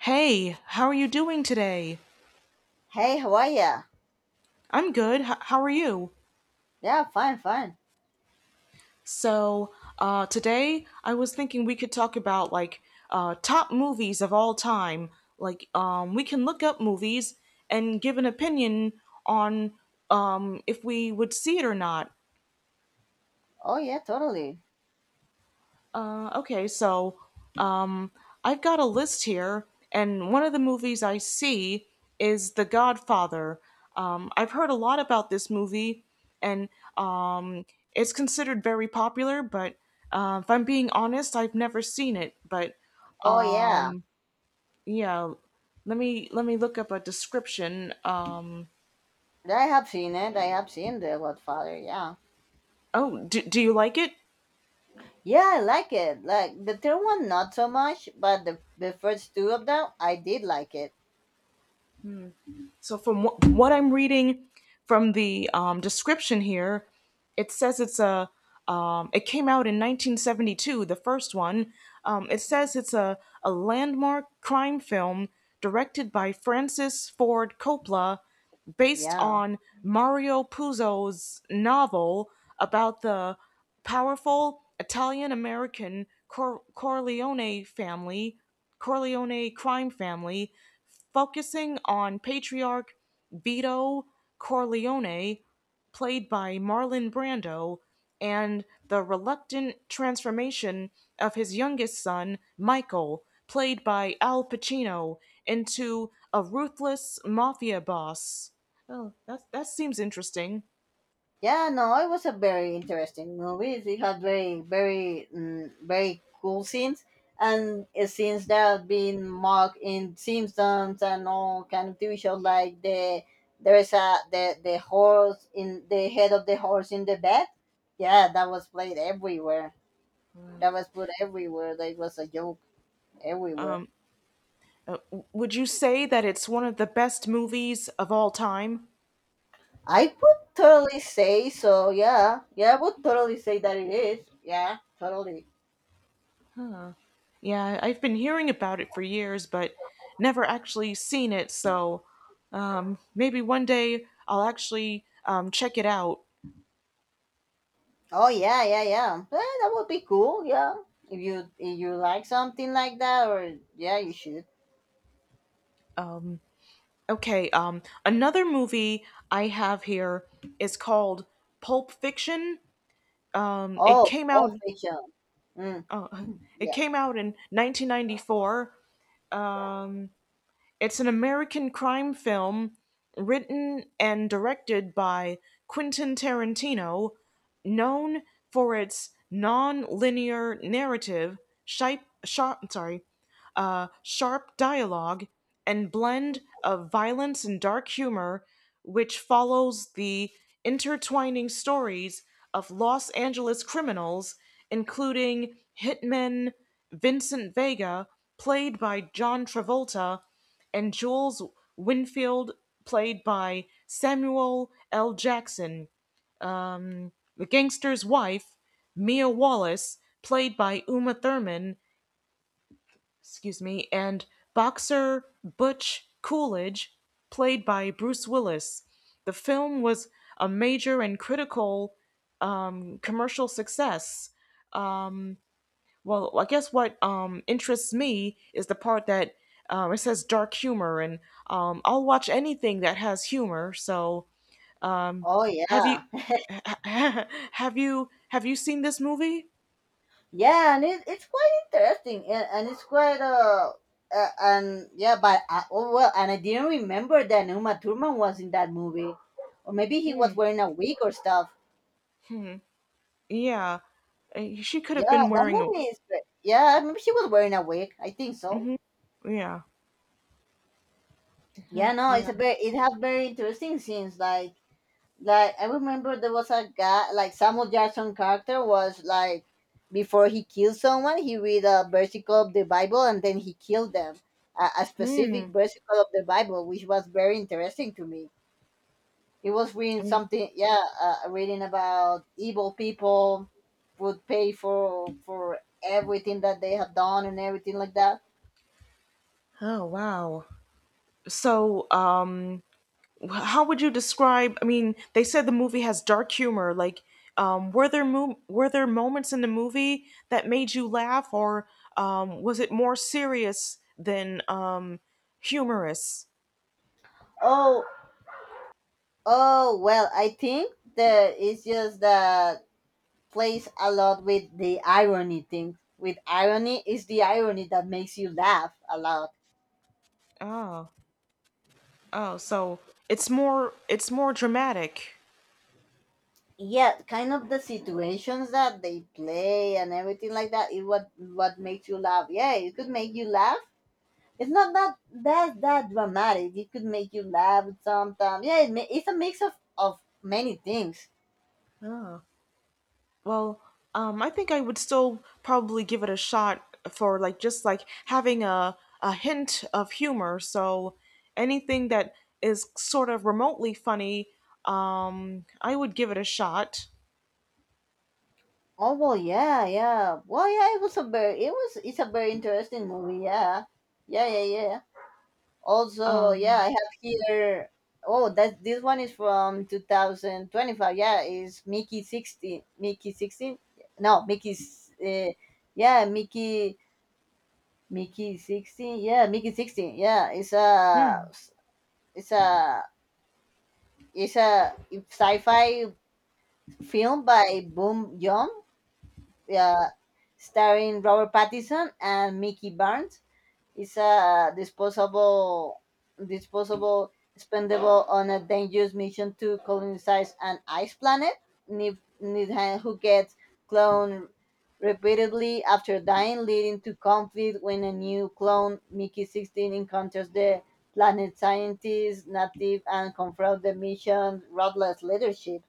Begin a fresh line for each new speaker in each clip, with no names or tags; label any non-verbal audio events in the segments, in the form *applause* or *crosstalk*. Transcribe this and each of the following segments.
Hey, how are you doing today?
Hey, how are ya?
I'm good. How are you?
Yeah, fine, fine.
So, today I was thinking we could talk about top movies of all time. We can look up movies and give an opinion on if we would see it or not.
Oh yeah, totally.
Okay, so um, I've got a list here, and one of the movies I see is The Godfather. I've heard a lot about this movie, and um, it's considered very popular, but if I'm being honest, I've never seen it. But
Oh yeah,
yeah, let me look up a description.
I have seen it. I have seen the Godfather. Yeah,
Oh, do you like it?
yeah, I like it. Like the third one, not so much, but the first two of them, I did like it.
So, what I'm reading from the description here, it says it's a. It came out in 1972, the first one. It says a landmark crime film directed by Francis Ford Coppola, based
Yeah.
on Mario Puzo's novel about the powerful Italian American Corleone family, Corleone crime family, focusing on patriarch Vito Corleone, played by Marlon Brando, and the reluctant transformation of his youngest son, Michael, played by Al Pacino, into a ruthless mafia boss. That seems interesting.
Yeah, no, it was a very interesting movie. It had very, very, very cool scenes, and scenes that have been mocked in Simpsons and all kind of TV shows. Like there is a the horse in the head of the horse in the bed. Yeah, that was played everywhere. That was put everywhere. That was a joke everywhere.
Um, uh, would you say that it's one of the best movies of all time?
I would totally say so. Yeah, yeah, I would totally say that it is. Yeah, totally.
Yeah, I've been hearing about it for years, but never actually seen it, so maybe one day I'll actually check it out.
Oh yeah, yeah, yeah. That would be cool. Yeah, if you like something like that, or yeah, you should.
Okay, another movie I have here is called Pulp Fiction. Um, it
Oh,
came out.
Pulp Fiction. Mm,
Uh, it
yeah.
came out in 1994. Um. It's an American crime film written and directed by Quentin Tarantino, known for its non-linear narrative, sharp, sharp, sorry, sharp dialogue, and blend of violence and dark humor, which follows the intertwining stories of Los Angeles criminals, including hitman Vincent Vega, played by John Travolta, and Jules Winfield, played by Samuel L. Jackson, the gangster's wife, Mia Wallace, played by Uma Thurman, excuse me, and boxer Butch Coolidge, played by Bruce Willis. The film was a major and critical commercial success. Well, I guess what interests me is the part that it says dark humor, and I'll watch anything that has humor. So Um,
Oh
have you
yeah,
*laughs* have you seen this movie?
*laughs* yeah, and it's quite interesting, and it's quite and yeah, but oh well, and I didn't remember that Uma Thurman was in that movie, or maybe he
Hmm.
was wearing a wig or stuff.
Hmm. Yeah. She could have
Yeah,
been
that
wearing a.
movie is. Yeah, maybe she was wearing a wig. I think so.
Hmm. Yeah. Huh.
Yeah, no,
Yeah.
it has very interesting scenes like I remember there was a guy like Samuel Jackson character was like before he killed someone he read a versicle of the Bible and then he killed them a
Hmm.
specific versicle of the Bible, which was very interesting to me. He was reading
Eh.
something, yeah, reading about evil people would pay for everything that they have done and everything like that.
Oh wow. So, how would you describe? I mean, they said the movie has dark humor. Were there were there moments in the movie that made you laugh, or was it more serious than humorous?
Oh oh well, I think that it's just that plays a lot with the irony thing. With irony is the irony that makes you laugh a lot.
Oh. Oh, so it's more dramatic.
Yeah, kind of the situations that they play and everything like that is what makes you laugh. Yeah, it could make you laugh. It's not that dramatic. It could make you laugh sometimes. Yeah, it's a mix of many things.
Well, I think I would still probably give it a shot for like just like having a hint of humor. So anything that is sort of remotely funny, I would give it a shot.
Oh well, yeah, yeah. Well, yeah. It's a very interesting movie. Yeah, yeah, yeah, yeah. Also, yeah,
Um,
I have here. Oh, that this one is from 2025. Yeah, is Mickey 16. Mickey 16? No, Mickey's. Yeah, Mickey, 16. Yeah, Mickey 16. Yeah,
hmm.
it's a, it's a sci-fi film by Boom Young. Yeah, starring Robert Pattinson and Mickey Barnes. It's a disposable, spendable on a dangerous mission to colonize an ice planet. Nidhan, who gets cloned repeatedly after dying, leading to conflict when a new clone, Mickey 16, encounters the planet scientists, native, and confronts the mission's ruthless leadership.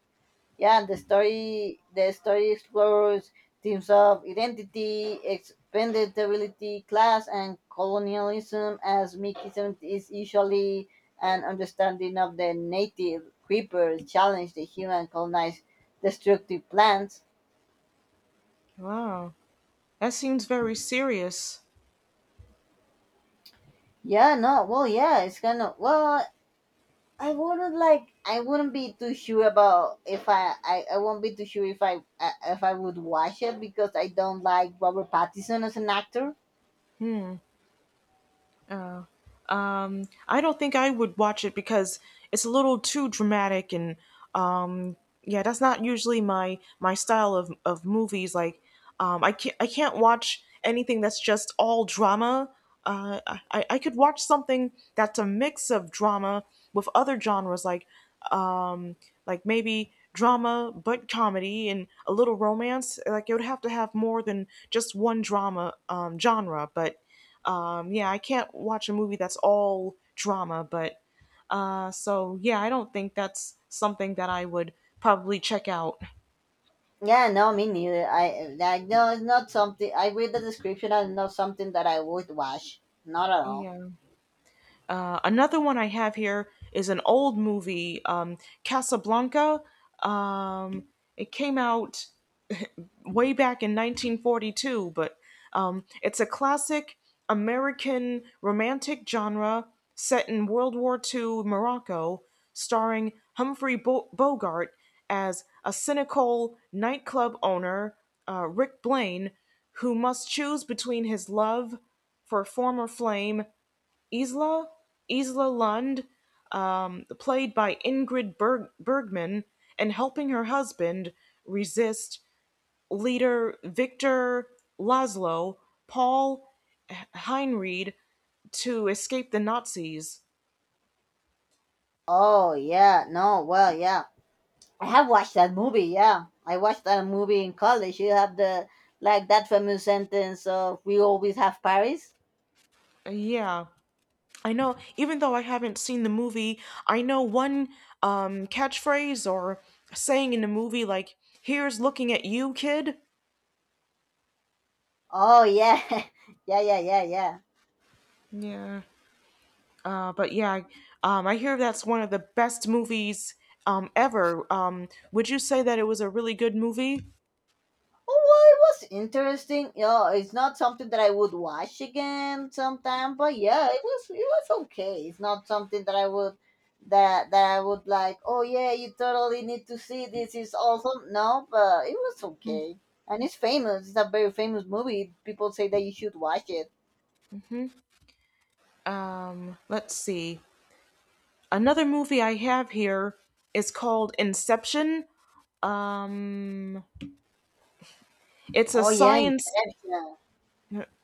Yeah, and the story explores themes of identity, expendability, class, and colonialism, as Mickey 70 is usually an understanding of the native creepers challenge the human colonized destructive plants.
Wow, that seems very serious.
Yeah, no, well, yeah, it's kind of well. I wouldn't like. I wouldn't be too sure about if I won't be too sure if I would watch it because I don't like Robert Pattinson as an actor.
Uh, I don't think I would watch it because it's a little too dramatic and um, yeah, that's not usually my style of movies. I can't watch anything that's just all drama. Uh, I could watch something that's a mix of drama with other genres um, like maybe drama but comedy and a little romance. Like it would have to have more than just one drama genre, but yeah, I can't watch a movie that's all drama, but so yeah, I don't think that's something that I would probably check out.
Yeah, no, me neither. I that No, it's not something. I read the description and not something that I would watch. Not at all.
Yeah. Another one I have here is an old movie, Casablanca. Um, it came out way back in 1942, but it's a classic American romantic genre set in World War II Morocco, starring Humphrey Bogart as a cynical nightclub owner, Rick Blaine, who must choose between his love for former flame Isla, Isla Lund, played by Ingrid Bergman, and helping her husband resist leader Victor Laszlo Paul Heinried to escape the Nazis.
Oh yeah, no, well, yeah, I have watched that movie. Yeah, I watched that movie in college. You have the like that famous sentence of "We always have Paris."
Yeah. I know, even though I haven't seen the movie, I know one catchphrase or saying in the movie, like, here's looking at you, kid.
Oh yeah, *laughs* yeah, yeah, yeah, yeah.
Yeah. But yeah, I hear that's one of the best movies ever. Would you say that it was a really good movie?
Oh, well, it was interesting. Yeah, it's not something that I would watch again sometime, but yeah, it was okay. It's not something that I would that I would like. Oh yeah, you totally need to see this. It's awesome. No, but it was okay, and it's famous. It's a very famous movie. People say that you should watch it.
Hmm? Let's see. Another movie I have here is called Inception. Um, it's a
Oh yeah,
science
Inception.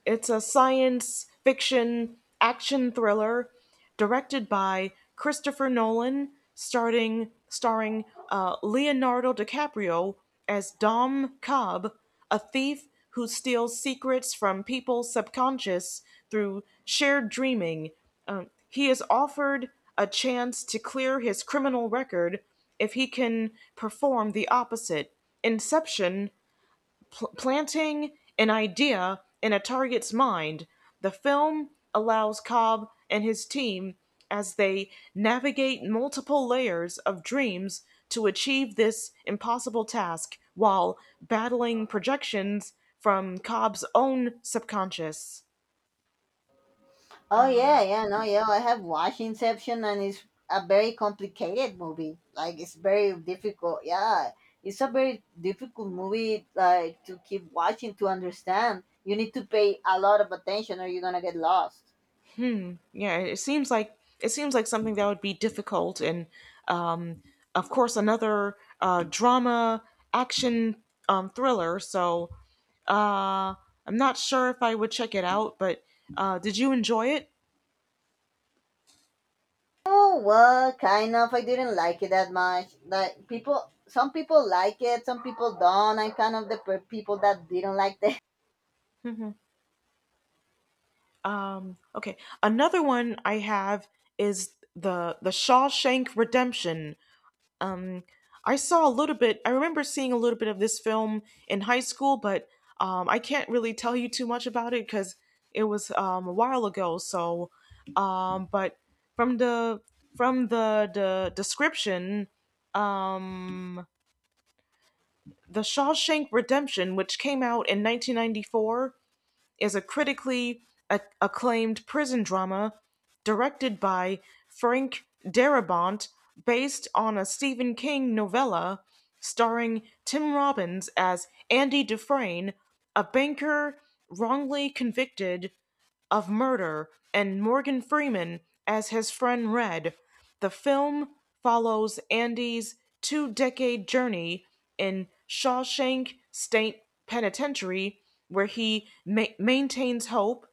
It's a science fiction action thriller directed by Christopher Nolan, starting starring Leonardo DiCaprio as Dom Cobb, a thief who steals secrets from people's subconscious through shared dreaming. He is offered a chance to clear his criminal record if he can perform the opposite. Inception, planting an idea in a target's mind, the film allows Cobb and his team as they navigate multiple layers of dreams to achieve this impossible task while battling projections from Cobb's own subconscious.
Oh yeah, yeah, no, yeah. I have watched Inception, and it's a very complicated movie. Like it's very difficult. Yeah, it's a very difficult movie. Like to keep watching to understand. You need to pay a lot of attention, or you're gonna get lost.
Yeah, it seems like something that would be difficult, and um, of course, another drama action thriller. So uh, I'm not sure if I would check it out, but did you enjoy it?
Oh well, kind of. I didn't like it that much. Like people, some people like it, some people don't. I'm kind of the people that didn't like.
Okay, another one I have is the Shawshank Redemption. I saw a little bit. I remember seeing a little bit of this film in high school, but I can't really tell you too much about it because it was a while ago. So, but from the the description, um, the Shawshank Redemption, which came out in 1994, is a critically acclaimed prison drama directed by Frank Darabont, based on a Stephen King novella, starring Tim Robbins as Andy Dufresne, a banker wrongly convicted of Murder, and Morgan Freeman as his friend Red. The film follows Andy's two decade journey in Shawshank State Penitentiary, where he maintains hope,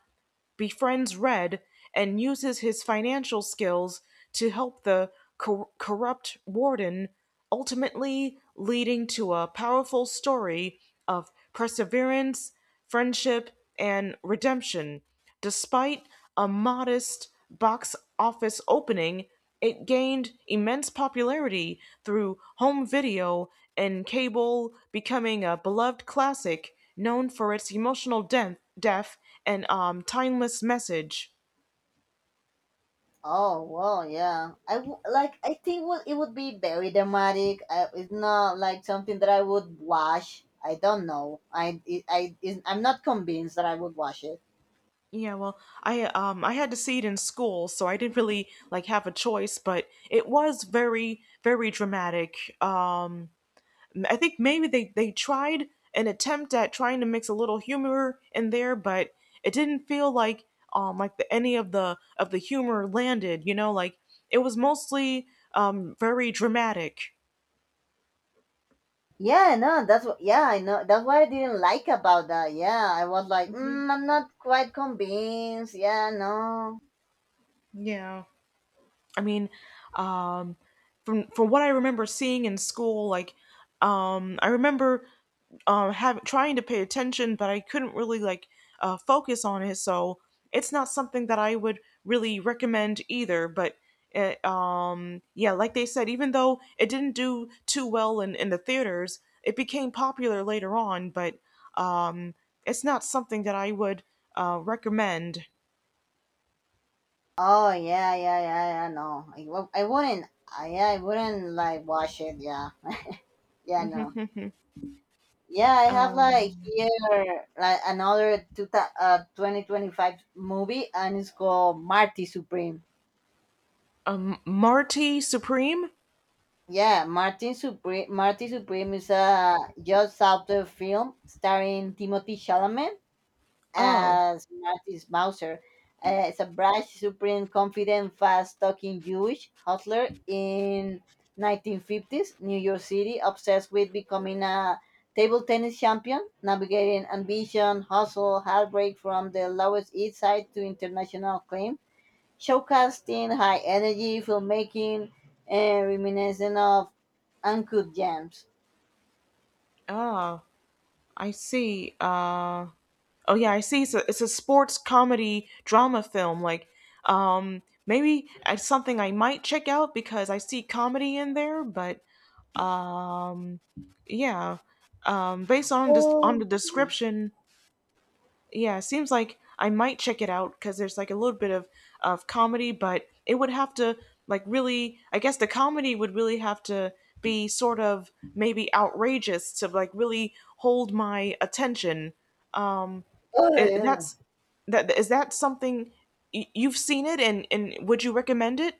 befriends Red, and uses his financial skills to help the corrupt warden, ultimately leading to a powerful story of perseverance, friendship, and redemption. Despite a modest box office opening, it gained immense popularity through home video and cable, becoming a beloved classic known for its emotional depth and timeless message.
Oh well, yeah. I w- like. I think would it would be very dramatic. It's not like something that I would watch. I don't know. I'm not convinced that I would watch it.
Yeah, well, I had to see it in school, so I didn't really like have a choice, but it was very dramatic. I think maybe they tried an attempt at trying to mix a little humor in there, but it didn't feel like any of the humor landed. You know, like it was mostly very dramatic.
Yeah, no, that's what. Yeah, I know. That's what I didn't like about that. Yeah, I was like,
Hmm.
I'm not quite convinced. Yeah, no.
Yeah. I mean, um, from what I remember seeing in school, I remember trying to pay attention, but I couldn't really like focus on it. So it's not something that I would really recommend either. But yeah, like they said, even though it didn't do too well in the theaters, it became popular later on. But um, it's not something that I would recommend.
Oh yeah, yeah, yeah, yeah. No, I wouldn't. Yeah, I wouldn't like watch it. Yeah, yeah, no.
*laughs*
Yeah, I have like here like another 2025 movie, and it's called Marty Supreme.
Marty Supreme.
Yeah, Martin Supreme Marty Supreme is a just after film starring Timothy Chalamet
Oh.
as Marty Mauser, is a brash, supreme, confident, fast-talking Jewish hustler in 1950s New York City, obsessed with becoming a table tennis champion, navigating ambition, hustle, heartbreak from the lowest east side to international acclaim, showcasing high energy, filmmaking, and reminiscent of Uncut Gems.
Oh, I see. Oh yeah, I see. It's a sports comedy drama film. Maybe it's something I might check out because I see comedy in there. But um, yeah, based on just on the
Oh,
description, yeah, seems like I might check it out because there's like a little bit of comedy, but it would have to like really. I guess the comedy would really have to be sort of maybe outrageous to like really hold my attention. Um,
oh, yeah.
that's that something you've seen it and would you recommend it?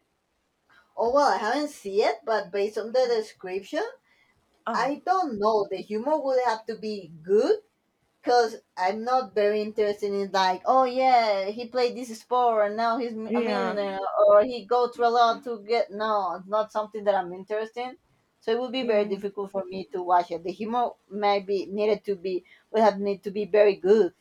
Oh, well, I haven't seen it, but based on the description,
Oh,
I don't know. The humor would have to be good because I'm not very interested in like, oh yeah, he played this sport and now he's a
yeah,
millionaire, or he go through a lot to get. No, it's not something that I'm interested in. So it would be very
yeah.
difficult for me to watch it. The humor might be needed to be would have need to be very good.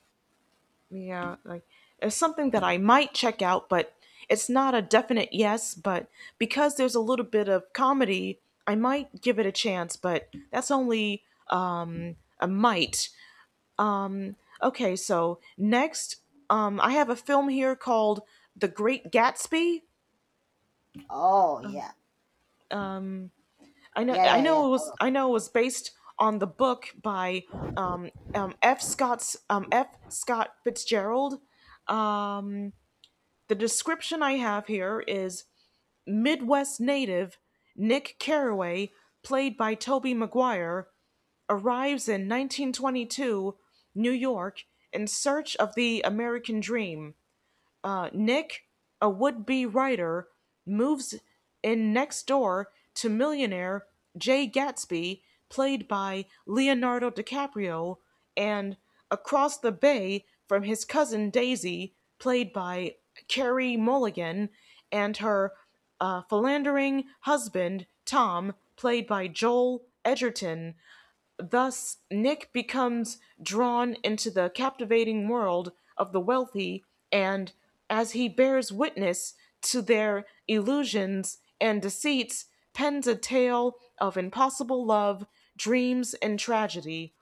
Yeah, like it's something that I might check out, but it's not a definite yes. But because there's a little bit of comedy, I might give it a chance, but that's only a might. Okay, so next, I have a film here called The Great Gatsby.
Oh yeah,
I know,
yeah, yeah, yeah. Totally.
I know it was based on the book by F. Scott Fitzgerald. Um, the description I have here is: Midwest native Nick Carraway, played by Tobey Maguire, arrives in 1922 New York in search of the American dream. Nick, a would-be writer, moves in next door to millionaire Jay Gatsby, played by Leonardo DiCaprio, and across the bay from his cousin Daisy, played by Carey Mulligan, and her philandering husband Tom, played by Joel Edgerton. Thus, Nick becomes drawn into the captivating world of the wealthy, and as he bears witness to their illusions and deceits, pens a tale of impossible love, dreams, and tragedy.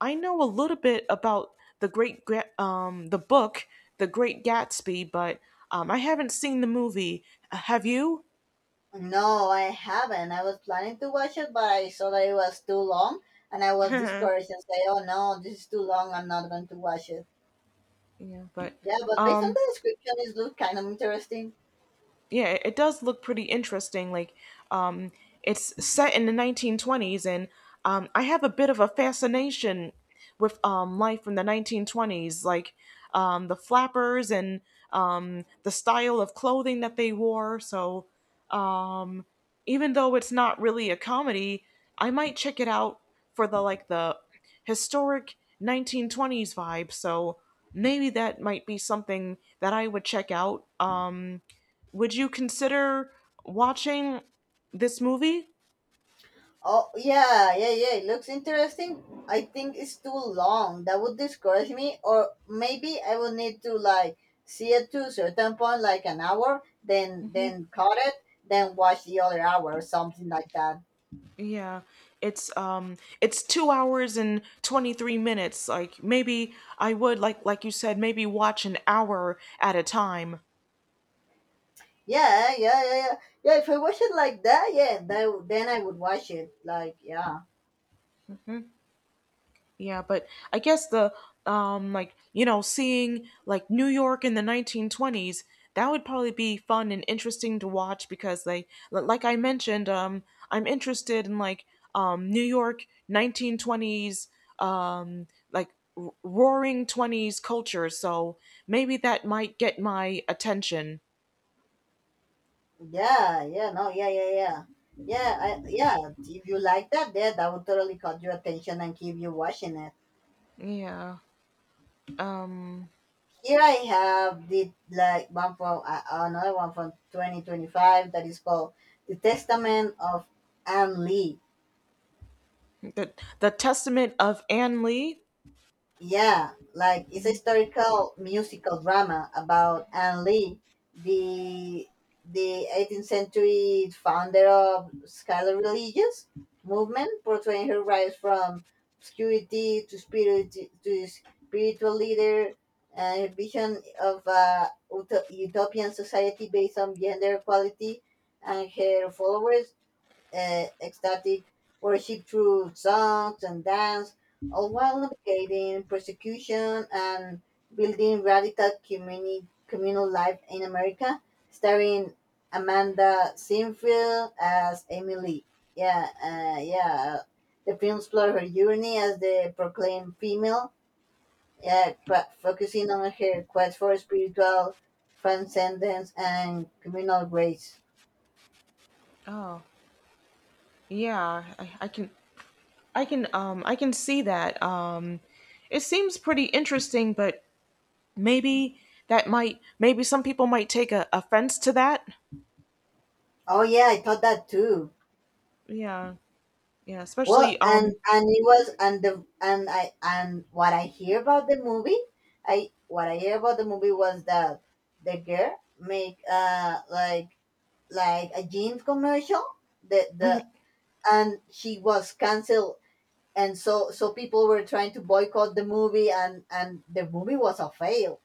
I know a little bit about the great the book, The Great Gatsby, but I haven't seen the movie. Have you?
No, I haven't. I was planning to watch it, but I saw that it was too long, and I was discouraged and say, "Oh no, this is too long. I'm not going to watch it."
Yeah, but
Yeah, but based on
um.
the description, it looks kind of interesting.
Yeah, it does look pretty interesting, like um it's set in the 1920s, and I have a bit of a fascination with life in the 1920s, like the flappers and the style of clothing that they wore. So even though it's not really a comedy, I might check it out for the historic 1920s vibe. So maybe that might be something that I would check out. Would you consider watching this movie?
Oh, yeah, yeah, yeah. It looks interesting. I think it's too long. That would discourage me, or maybe I would need to like see it to a certain point, like an hour, then cut it, then watch the other hour, or something like that.
Yeah. It's 2 hours and 23 minutes. Like maybe I would like you said, maybe watch an hour at a time.
Yeah, yeah, yeah, yeah. Yeah, if I watch it like that, yeah, then I would watch it. Like, yeah.
Yeah, but I guess the like seeing like New York in the 1920s, that would probably be fun and interesting to watch because like I mentioned, I'm interested in like New York 1920s, um like roaring 20s culture. So maybe that might get my attention.
Yeah, yeah, no, yeah, yeah, yeah. Yeah, I, yeah. If you like that, yeah, that would totally caught your attention and keep you watching it.
Yeah. Um
Here I have the like one from another one from 2025 that is called "The Testament of Anne Lee."
the the Testament of Anne Lee.
Yeah, like it's a historical musical drama about Anne Lee, the the 18th century founder of scholar religious movement, portraying her rise from obscurity to spiritual leader and her vision of a utopian society based on gender equality, and her followers ecstatic worship through songs and dance, all while navigating persecution and building radical communal life in America, starring Amanda Sinfield as Emily. Yeah, yeah. The film explores her journey as the proclaimed female, yeah, focusing on her quest for spiritual transcendence and communal grace.
Oh, yeah. I can, I can see that. It seems pretty interesting, but maybe, that might maybe some people might take a offense to that.
Oh yeah, I thought that too.
Yeah. Yeah,
Well,
especially
and and it was and what I hear about the movie, I what I hear about the movie was that the girl make like a jeans commercial, the
mhm.
and she was canceled, and so people were trying to boycott the movie, and the movie was a fail.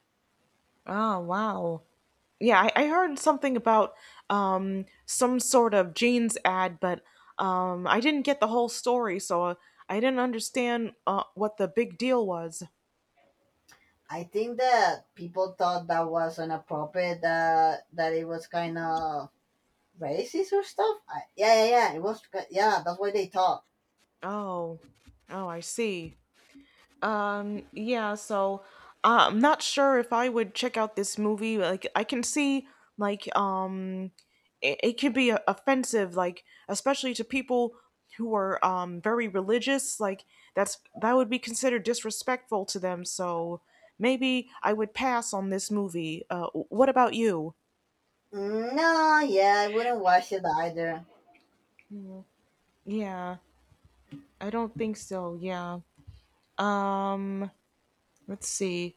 Oh wow. Yeah, I heard something about some sort of jeans ad, but I didn't get the whole story, so I didn't understand what the big deal was.
I think that people thought that was inappropriate, that it was kind of racist or stuff. Yeah, yeah, yeah, it was yeah, that's why they thought.
Oh. Oh, I see. Yeah, so I'm not sure if I would check out this movie. Like, I can see, like, it could be offensive, like, especially to people who are very religious. Like, that would be considered disrespectful to them. So maybe I would pass on this movie. What about you?
Mm, no, yeah, I wouldn't watch it either.
Yeah, I don't think so. Yeah. Um, let's see.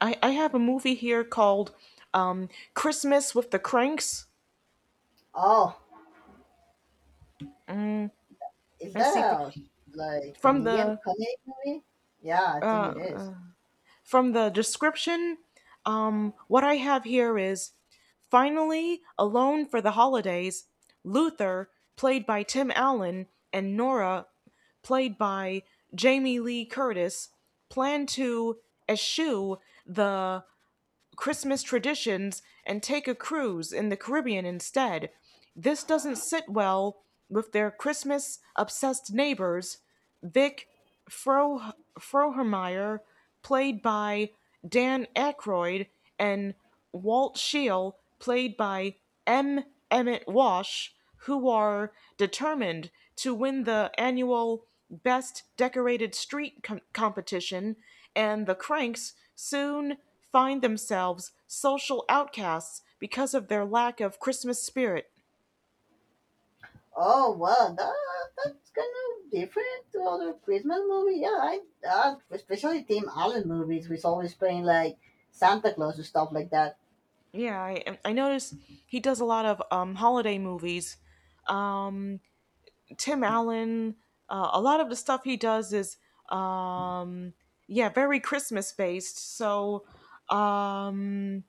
I have a movie here called Christmas with the Cranks.
Oh, is
Let's
that
see fr-
a like
from
comedian
the
comedy movie? Yeah, I think it is.
from the description. What I have here is, finally alone for the holidays. Luther, played by Tim Allen, and Nora, played by Jamie Lee Curtis, plan to eschew the Christmas traditions and take a cruise in the Caribbean instead. This doesn't sit well with their Christmas obsessed neighbors, Vic Fro- Frohmeyer, played by Dan Aykroyd, and Walt Scheel, played by M. Emmett Walsh, who are determined to win the annual Best Decorated Street competition, and the Cranks soon find themselves social outcasts because of their lack of Christmas spirit.
Oh well, that's kind of different to other Christmas movie. Yeah, I especially Tim Allen movies, who's always playing like Santa Claus and stuff like that.
Yeah, I noticed he does a lot of holiday movies. Um, Tim Allen, a lot of the stuff he does is, um, yeah, very Christmas based. So, um,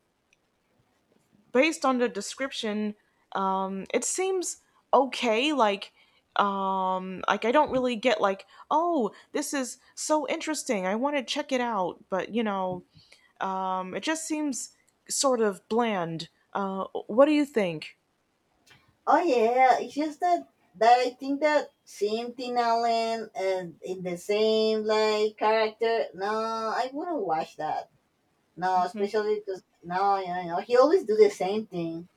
based on the description, it seems okay. Like I don't really get like, oh, this is so interesting, I want to check it out, but you know, it just seems sort of bland. What do you think?
Oh yeah, it's just that I think that seeing Tim Allen and in the same like character. No, I wouldn't watch that. No, especially because no, he always do the same thing.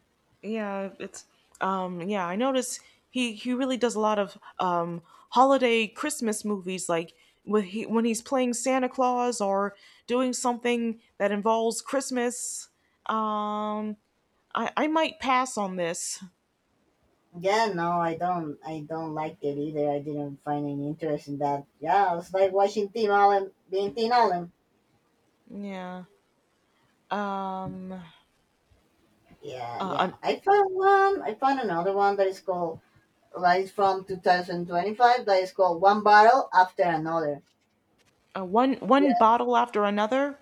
Yeah, it's yeah, I notice he really does a lot of holiday Christmas movies, like when he's playing Santa Claus, or doing something that involves Christmas. Um I might pass on this.
Yeah, no, I don't like it either. I didn't find any interest in that. Yeah, it's like watching Tim Allen being Tim Allen.
Yeah. Um
Yeah,
uh,
yeah.
uh,
I found one. I found another one that is called like from 2025 that is called One Battle After Another.
one
Yeah,
bottle after another.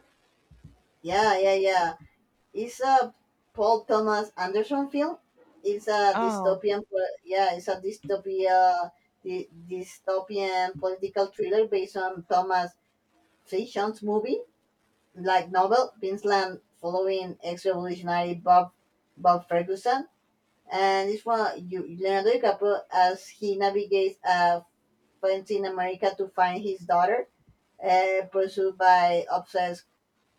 yeah, yeah, yeah. It's a Paul Thomas Anderson film. It's a
Oh.
dystopian, po- yeah, it's a dystopia, dy- dystopian political thriller based on Thomas Fisher's movie, like novel, Queensland, following ex-revolutionary Bob Ferguson, and it's one you, Leonardo DiCaprio, as he navigates a fence in America to find his daughter, pursued by obsessed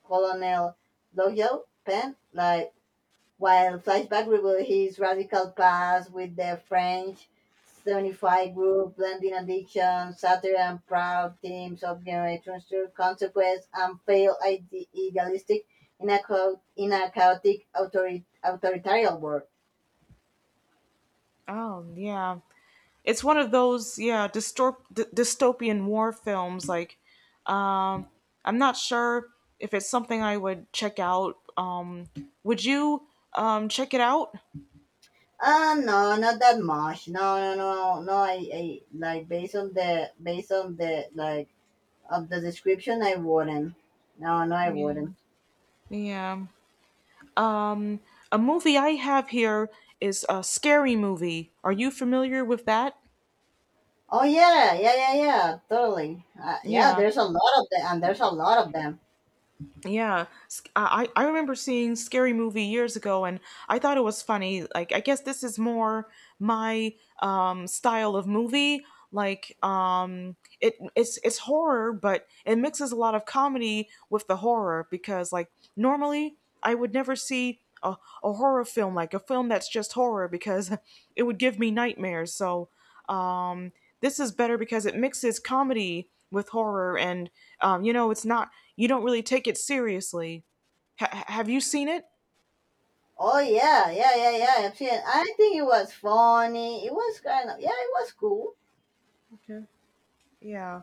Colonel Loyal Penn, like, while Flashback reveals his radical past with the French 75 group, blending addiction, satire, and proud themes of generations through consequence and failed idealistic in a, in a chaotic authoritarian world.
Oh, yeah. It's one of those, yeah, dystopian war films. Like um, I'm not sure if it's something I would check out. Would you check it out?
No, not that much. No, no, no, no. I like based on the like of the description, I wouldn't. No, no, I
Yeah,
wouldn't.
yeah. Um, a movie I have here is a scary movie. Are you familiar with that?
Oh yeah, yeah, yeah, yeah, totally. Yeah,
Yeah.
there's a lot of them, and there's a lot of them.
Yeah, I remember seeing Scary Movie years ago, and I thought it was funny. Like, I guess this is more my style of movie. Like, it's horror, but it mixes a lot of comedy with the horror because, like, normally I would never see a horror film, like a film that's just horror, because *laughs* it would give me nightmares. So. Um, this is better because it mixes comedy with horror, and you know, it's not, you don't really take it seriously. Have you seen it?
Oh yeah, yeah, yeah, yeah. I've seen. It. I think it was funny. It was kind of, yeah, it was cool.
Okay. Yeah.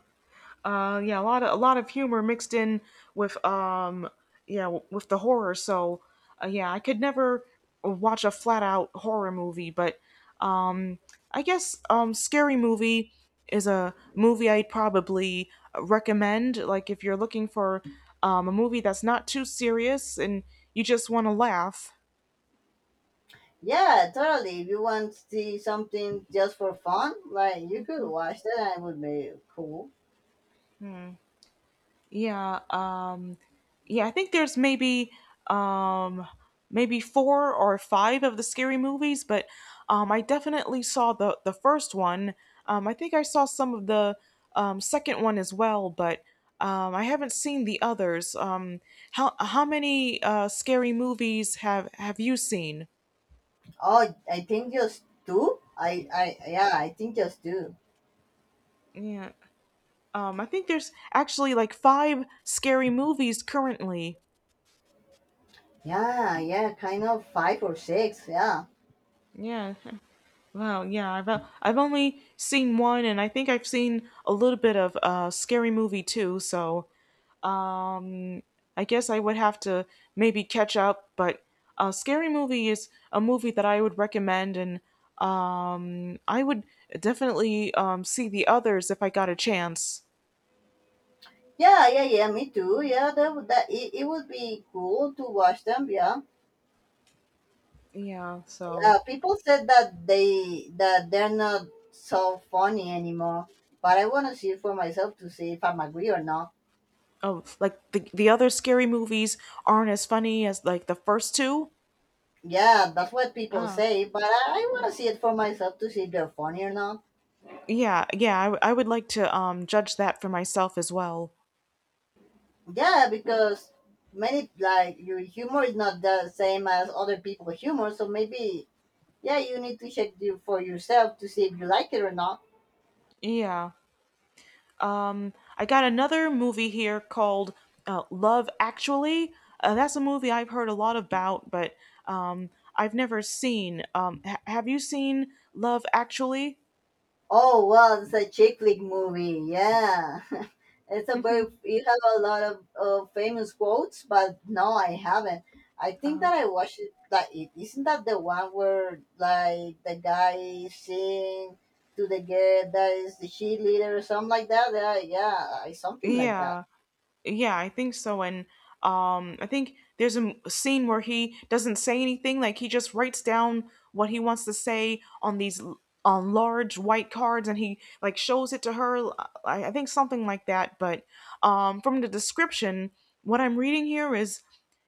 Yeah, a lot of, humor mixed in with yeah, with the horror. So yeah, I could never watch a flat out horror movie, but um I guess Scary Movie is a movie I'd probably recommend, like if you're looking for a movie that's not too serious and you just want to laugh.
Yeah, totally. If you want to see something just for fun, like, you could watch that, and it would be cool.
Yeah, yeah, I think there's maybe um, maybe four or five of the scary movies, but I definitely saw the first one. I think I saw some of the second one as well, but I haven't seen the others. How many scary movies have you seen?
Oh, I think just two. Yeah, I think just two.
Yeah, I think there's actually like five scary movies currently.
Yeah, yeah, kind of five or six. Yeah.
Yeah. Wow, yeah, I've only seen one, and I think I've seen a little bit of Scary Movie too. So I guess I would have to maybe catch up. But Scary Movie is a movie that I would recommend, and I would definitely see the others if I got a chance.
Yeah, yeah, yeah, me too. Yeah, that, it would be cool to watch them. Yeah.
Yeah, so,
People said that they're not so funny anymore, but I want to see it for myself to see if I'm agree or not.
oh, like the other Scary movies aren't as funny as like the first two.
Yeah, that's what people
Uh,
say, but I want to see it for myself to see if they're funny or not.
yeah, yeah, I would like to judge that for myself as well.
Yeah, because many, like, your humor is not the same as other people's humor, so maybe, yeah, you need to check you for yourself to see if you like it or not.
Yeah. I got another movie here called Love Actually. That's a movie I've heard a lot about, but um, I've never seen. Have you seen Love Actually?
Oh well, it's a chick flick movie. Yeah, *laughs* it's
*laughs*
a
uh,
very. You have a lot of famous quotes, but no, I haven't. I think that I watched it. That it isn't that the one where like the guy sing to the girl that is the cheerleader or something like that. Yeah, yeah, something like that.
yeah. Yeah, I think so. And I think there's a scene where he doesn't say anything. Like he just writes down what he wants to say on on large white cards, and he like shows it to her. I think something like that. But from the description, what I'm reading here is,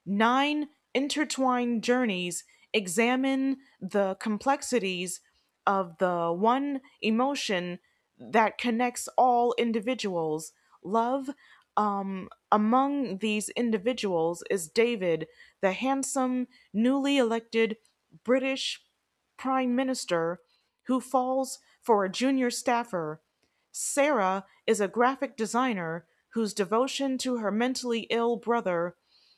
nine intertwined journeys examine the complexities of the one emotion that connects all individuals, love. Among these individuals is David, the handsome, newly elected British Prime Minister, who falls for a junior staffer. Sarah is a graphic designer whose devotion to her mentally ill brother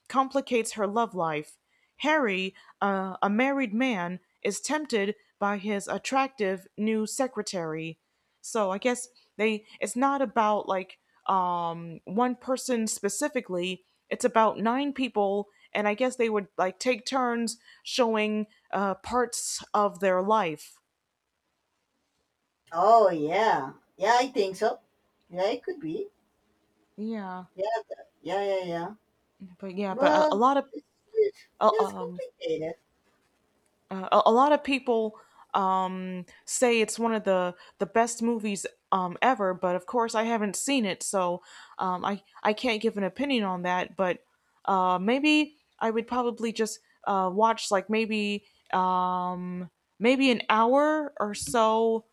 complicates her love life. Harry, a married man, is tempted by his attractive new secretary. So I guess, they it's not about like one person specifically. It's about nine people, and I guess they would like take turns showing parts of their life.
Oh yeah, yeah, I think so. Yeah, it could be.
Yeah,
Yeah, yeah, yeah, yeah.
yeah, but a
Well,
lot of
it's, it's,
uh,
yeah, it's
um,
complicated.
A lot of people say it's one of the best movies ever, but of course I haven't seen it, so I can't give an opinion on that. But maybe I would probably just watch like maybe um, maybe an hour or so.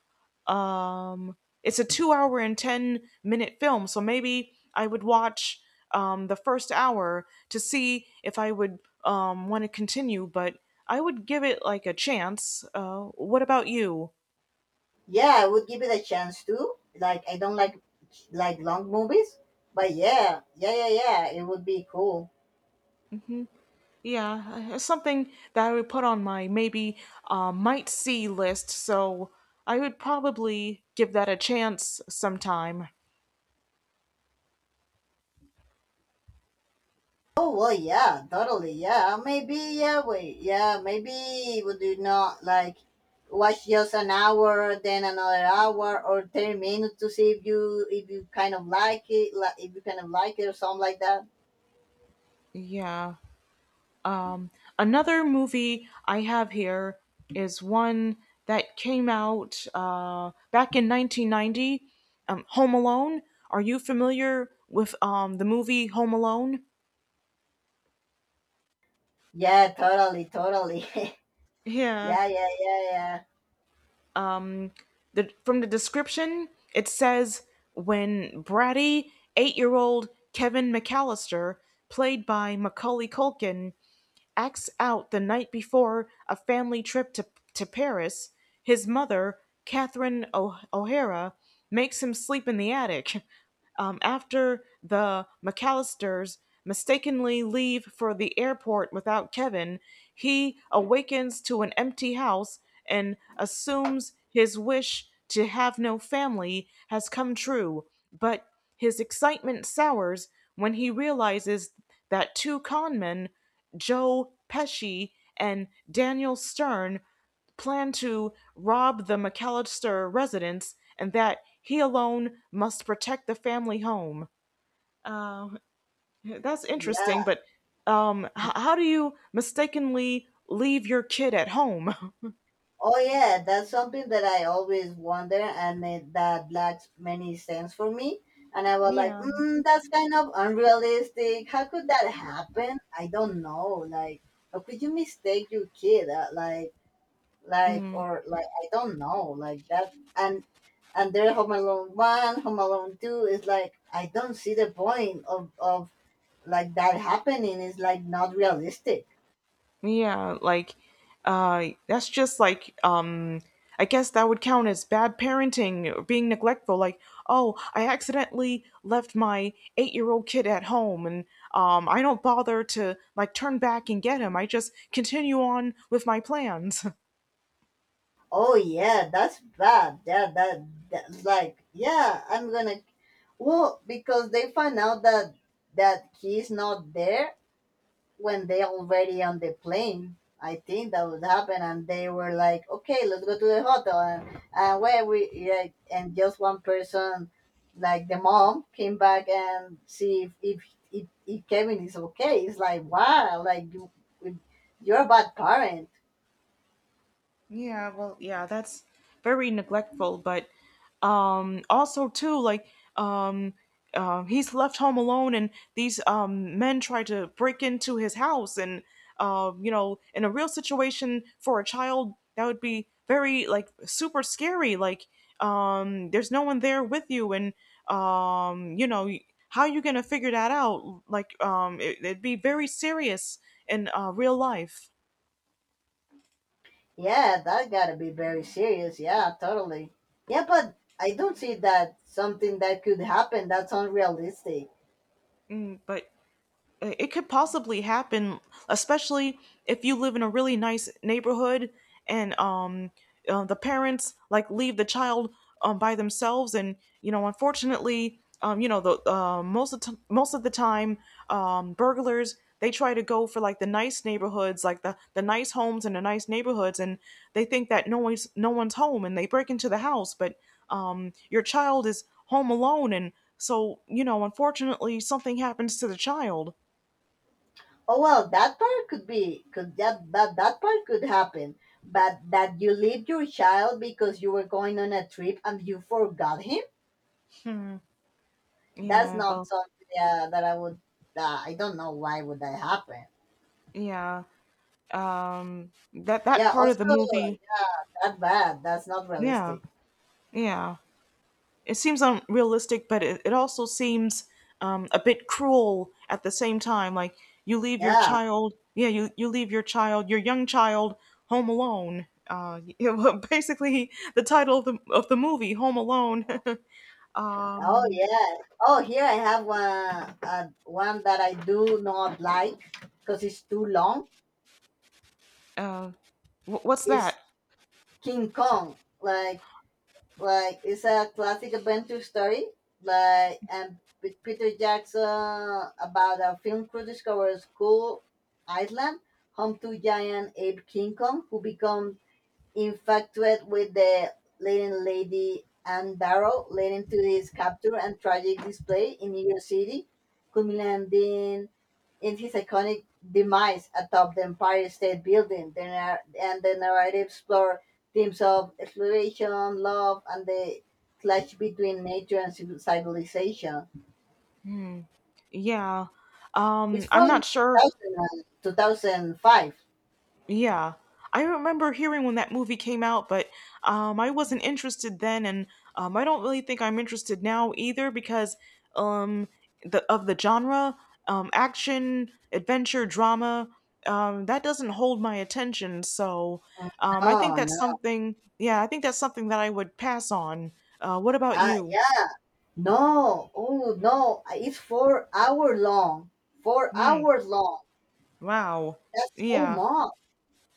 Um it's a 2 hour and 10 minute film, so maybe I would watch the first hour to see if I would want to continue, but I would give it like a chance. What about you?
Yeah, I would give it a chance too. Like, I don't like long movies, but yeah, yeah, yeah, yeah, it would be cool.
Yeah, something that I would put on my maybe might see list, so I would probably give that a chance sometime.
Oh well, yeah, totally, yeah. Maybe, yeah, wait, yeah, maybe would you not like watch just an hour, then another hour, or 30 minutes to see if you kind of like it, like if you kind of like it or something like that.
Yeah. Um, another movie I have here is one that came out back in 1990, Home Alone. Are you familiar with the movie Home Alone?
Yeah, totally, totally. *laughs*
Yeah.
yeah, yeah, yeah, yeah,
Um, from the description, it says, when bratty 8 year old Kevin McAllister, played by Macaulay Culkin, acts out the night before a family trip to Paris, his mother, Catherine O'Hara, makes him sleep in the attic. After the McAllisters mistakenly leave for the airport without Kevin, he awakens to an empty house and assumes his wish to have no family has come true, but his excitement sours when he realizes that two con men, Joe Pesci and Daniel Stern, plan to rob the McAllister residence and that he alone must protect the family home. Uh, that's interesting,
yeah.
but how do you mistakenly leave your kid at home? *laughs*
Oh yeah, that's something that I always wonder, and it, that lacks many sense for me. And I was like,
Yeah.
that's kind of unrealistic. How could that happen? I don't know. Like, how could you mistake your kid? Like,
Mm.
or like, I don't know. Like that, and Home Alone one, Home Alone two is like, I don't see the point of like that happening. It's like not realistic.
Yeah, like that's just like I guess that would count as bad parenting or being neglectful, like, oh, I accidentally left my 8-year-old kid at home, and I don't bother to like turn back and get him. I just continue on with my plans. *laughs*
Oh yeah, that's bad. Yeah, that like, yeah, I'm gonna, well, because they find out that he's not there when they already on the plane. I think that would happen, and they were like, "Okay, let's go to the hotel," and where we, yeah, and just one person, like the mom, came back and see if Kevin is okay. It's like wow, like you're a bad parent.
Yeah, well, yeah, that's very neglectful, but also too, like um he's left home alone, and these men try to break into his house, and you know, in a real situation, for a child that would be very like super scary, like there's no one there with you, and you know, how you going to figure that out, like it, it'd be very serious in real life.
Yeah, that gotta be very serious. Yeah, totally. Yeah, but I don't see that something that could happen that's unrealistic.
Mm, but it could possibly happen, especially if you live in a really nice neighborhood and the parents like leave the child by themselves, and you know, unfortunately, you know, the most of most of the time, burglars, they try to go for like the nice neighborhoods, like the nice homes and the nice neighborhoods, and they think that no one's home, and they break into the house, but your child is home alone, and so you know, unfortunately, something happens to the child.
Oh well, that part could be that part could happen. But that you leave your child because you were going on a trip and you forgot him? That's
Yeah,
not
well,
something that I would, I don't know why would that happen.
yeah. That
Yeah,
part of
also
the movie,
that bad. That's not
yeah,
realistic.
yeah. It seems unrealistic, but it also seems a bit cruel at the same time. Like, you leave your
Yeah.
child, yeah, you leave your child, your young child, home alone. *laughs* Yeah, well, basically the title of the movie, Home Alone. *laughs*
Oh
um,
yeah! Oh, here I have one, one that I do not like because it's too long.
uh, what's that?
It's King Kong. Like, it's a classic adventure story. Like, and with Peter Jackson, about a film crew discovers cool island, home to giant ape King Kong, who becomes infatuated with the leading lady Anne Barrow, leading to his capture and tragic display in New York City, culminating in his iconic demise atop the Empire State Building. And the narrative explores themes of exploration, love, and the clash between nature and civilization.
Hmm. Yeah.
It's
I'm
from
not sure.
2000 2005.
Yeah. I remember hearing when that movie came out, but I wasn't interested then, and I don't really think I'm interested now either, because um, of the genre, action, adventure, drama, that doesn't hold my attention. So I think
No,
that's
no.
something, yeah, I think that's something that I would pass on. What about
Ah,
you?
yeah. No, oh no, it's 4 hour long. Four
Hmm.
hours long.
Wow.
That's so
Yeah.
much.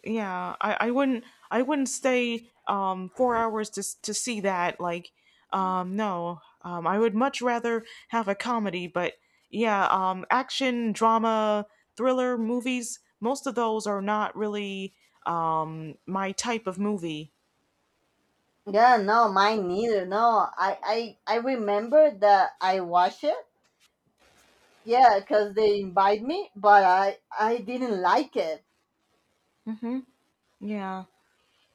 Yeah, I wouldn't stay 4 hours to to see that, like no, I would much rather have a comedy. But yeah, action, drama, thriller movies, most of those are not really my type of movie.
Yeah, no, mine neither. No, I remember that I watched it. Yeah, because they invite me, but I didn't like it.
Mm-hmm. Yeah.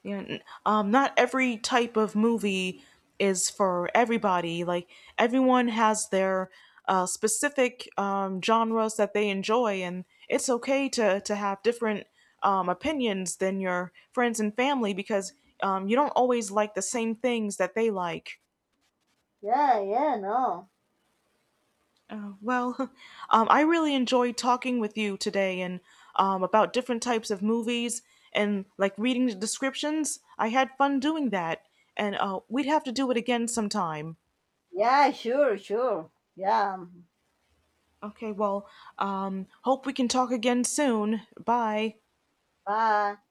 You know, not every type of movie is for everybody. Like everyone has their specific genres that they enjoy, and it's okay to have different opinions than your friends and family because you don't always like the same things that they like.
Yeah, yeah, no.
Well, *laughs* I really enjoyed talking with you today and about different types of movies, and like reading the descriptions. I had fun doing that, and we'd have to do it again sometime.
Yeah, sure, sure. Yeah,
Okay, well, hope we can talk again soon. Bye.
bye.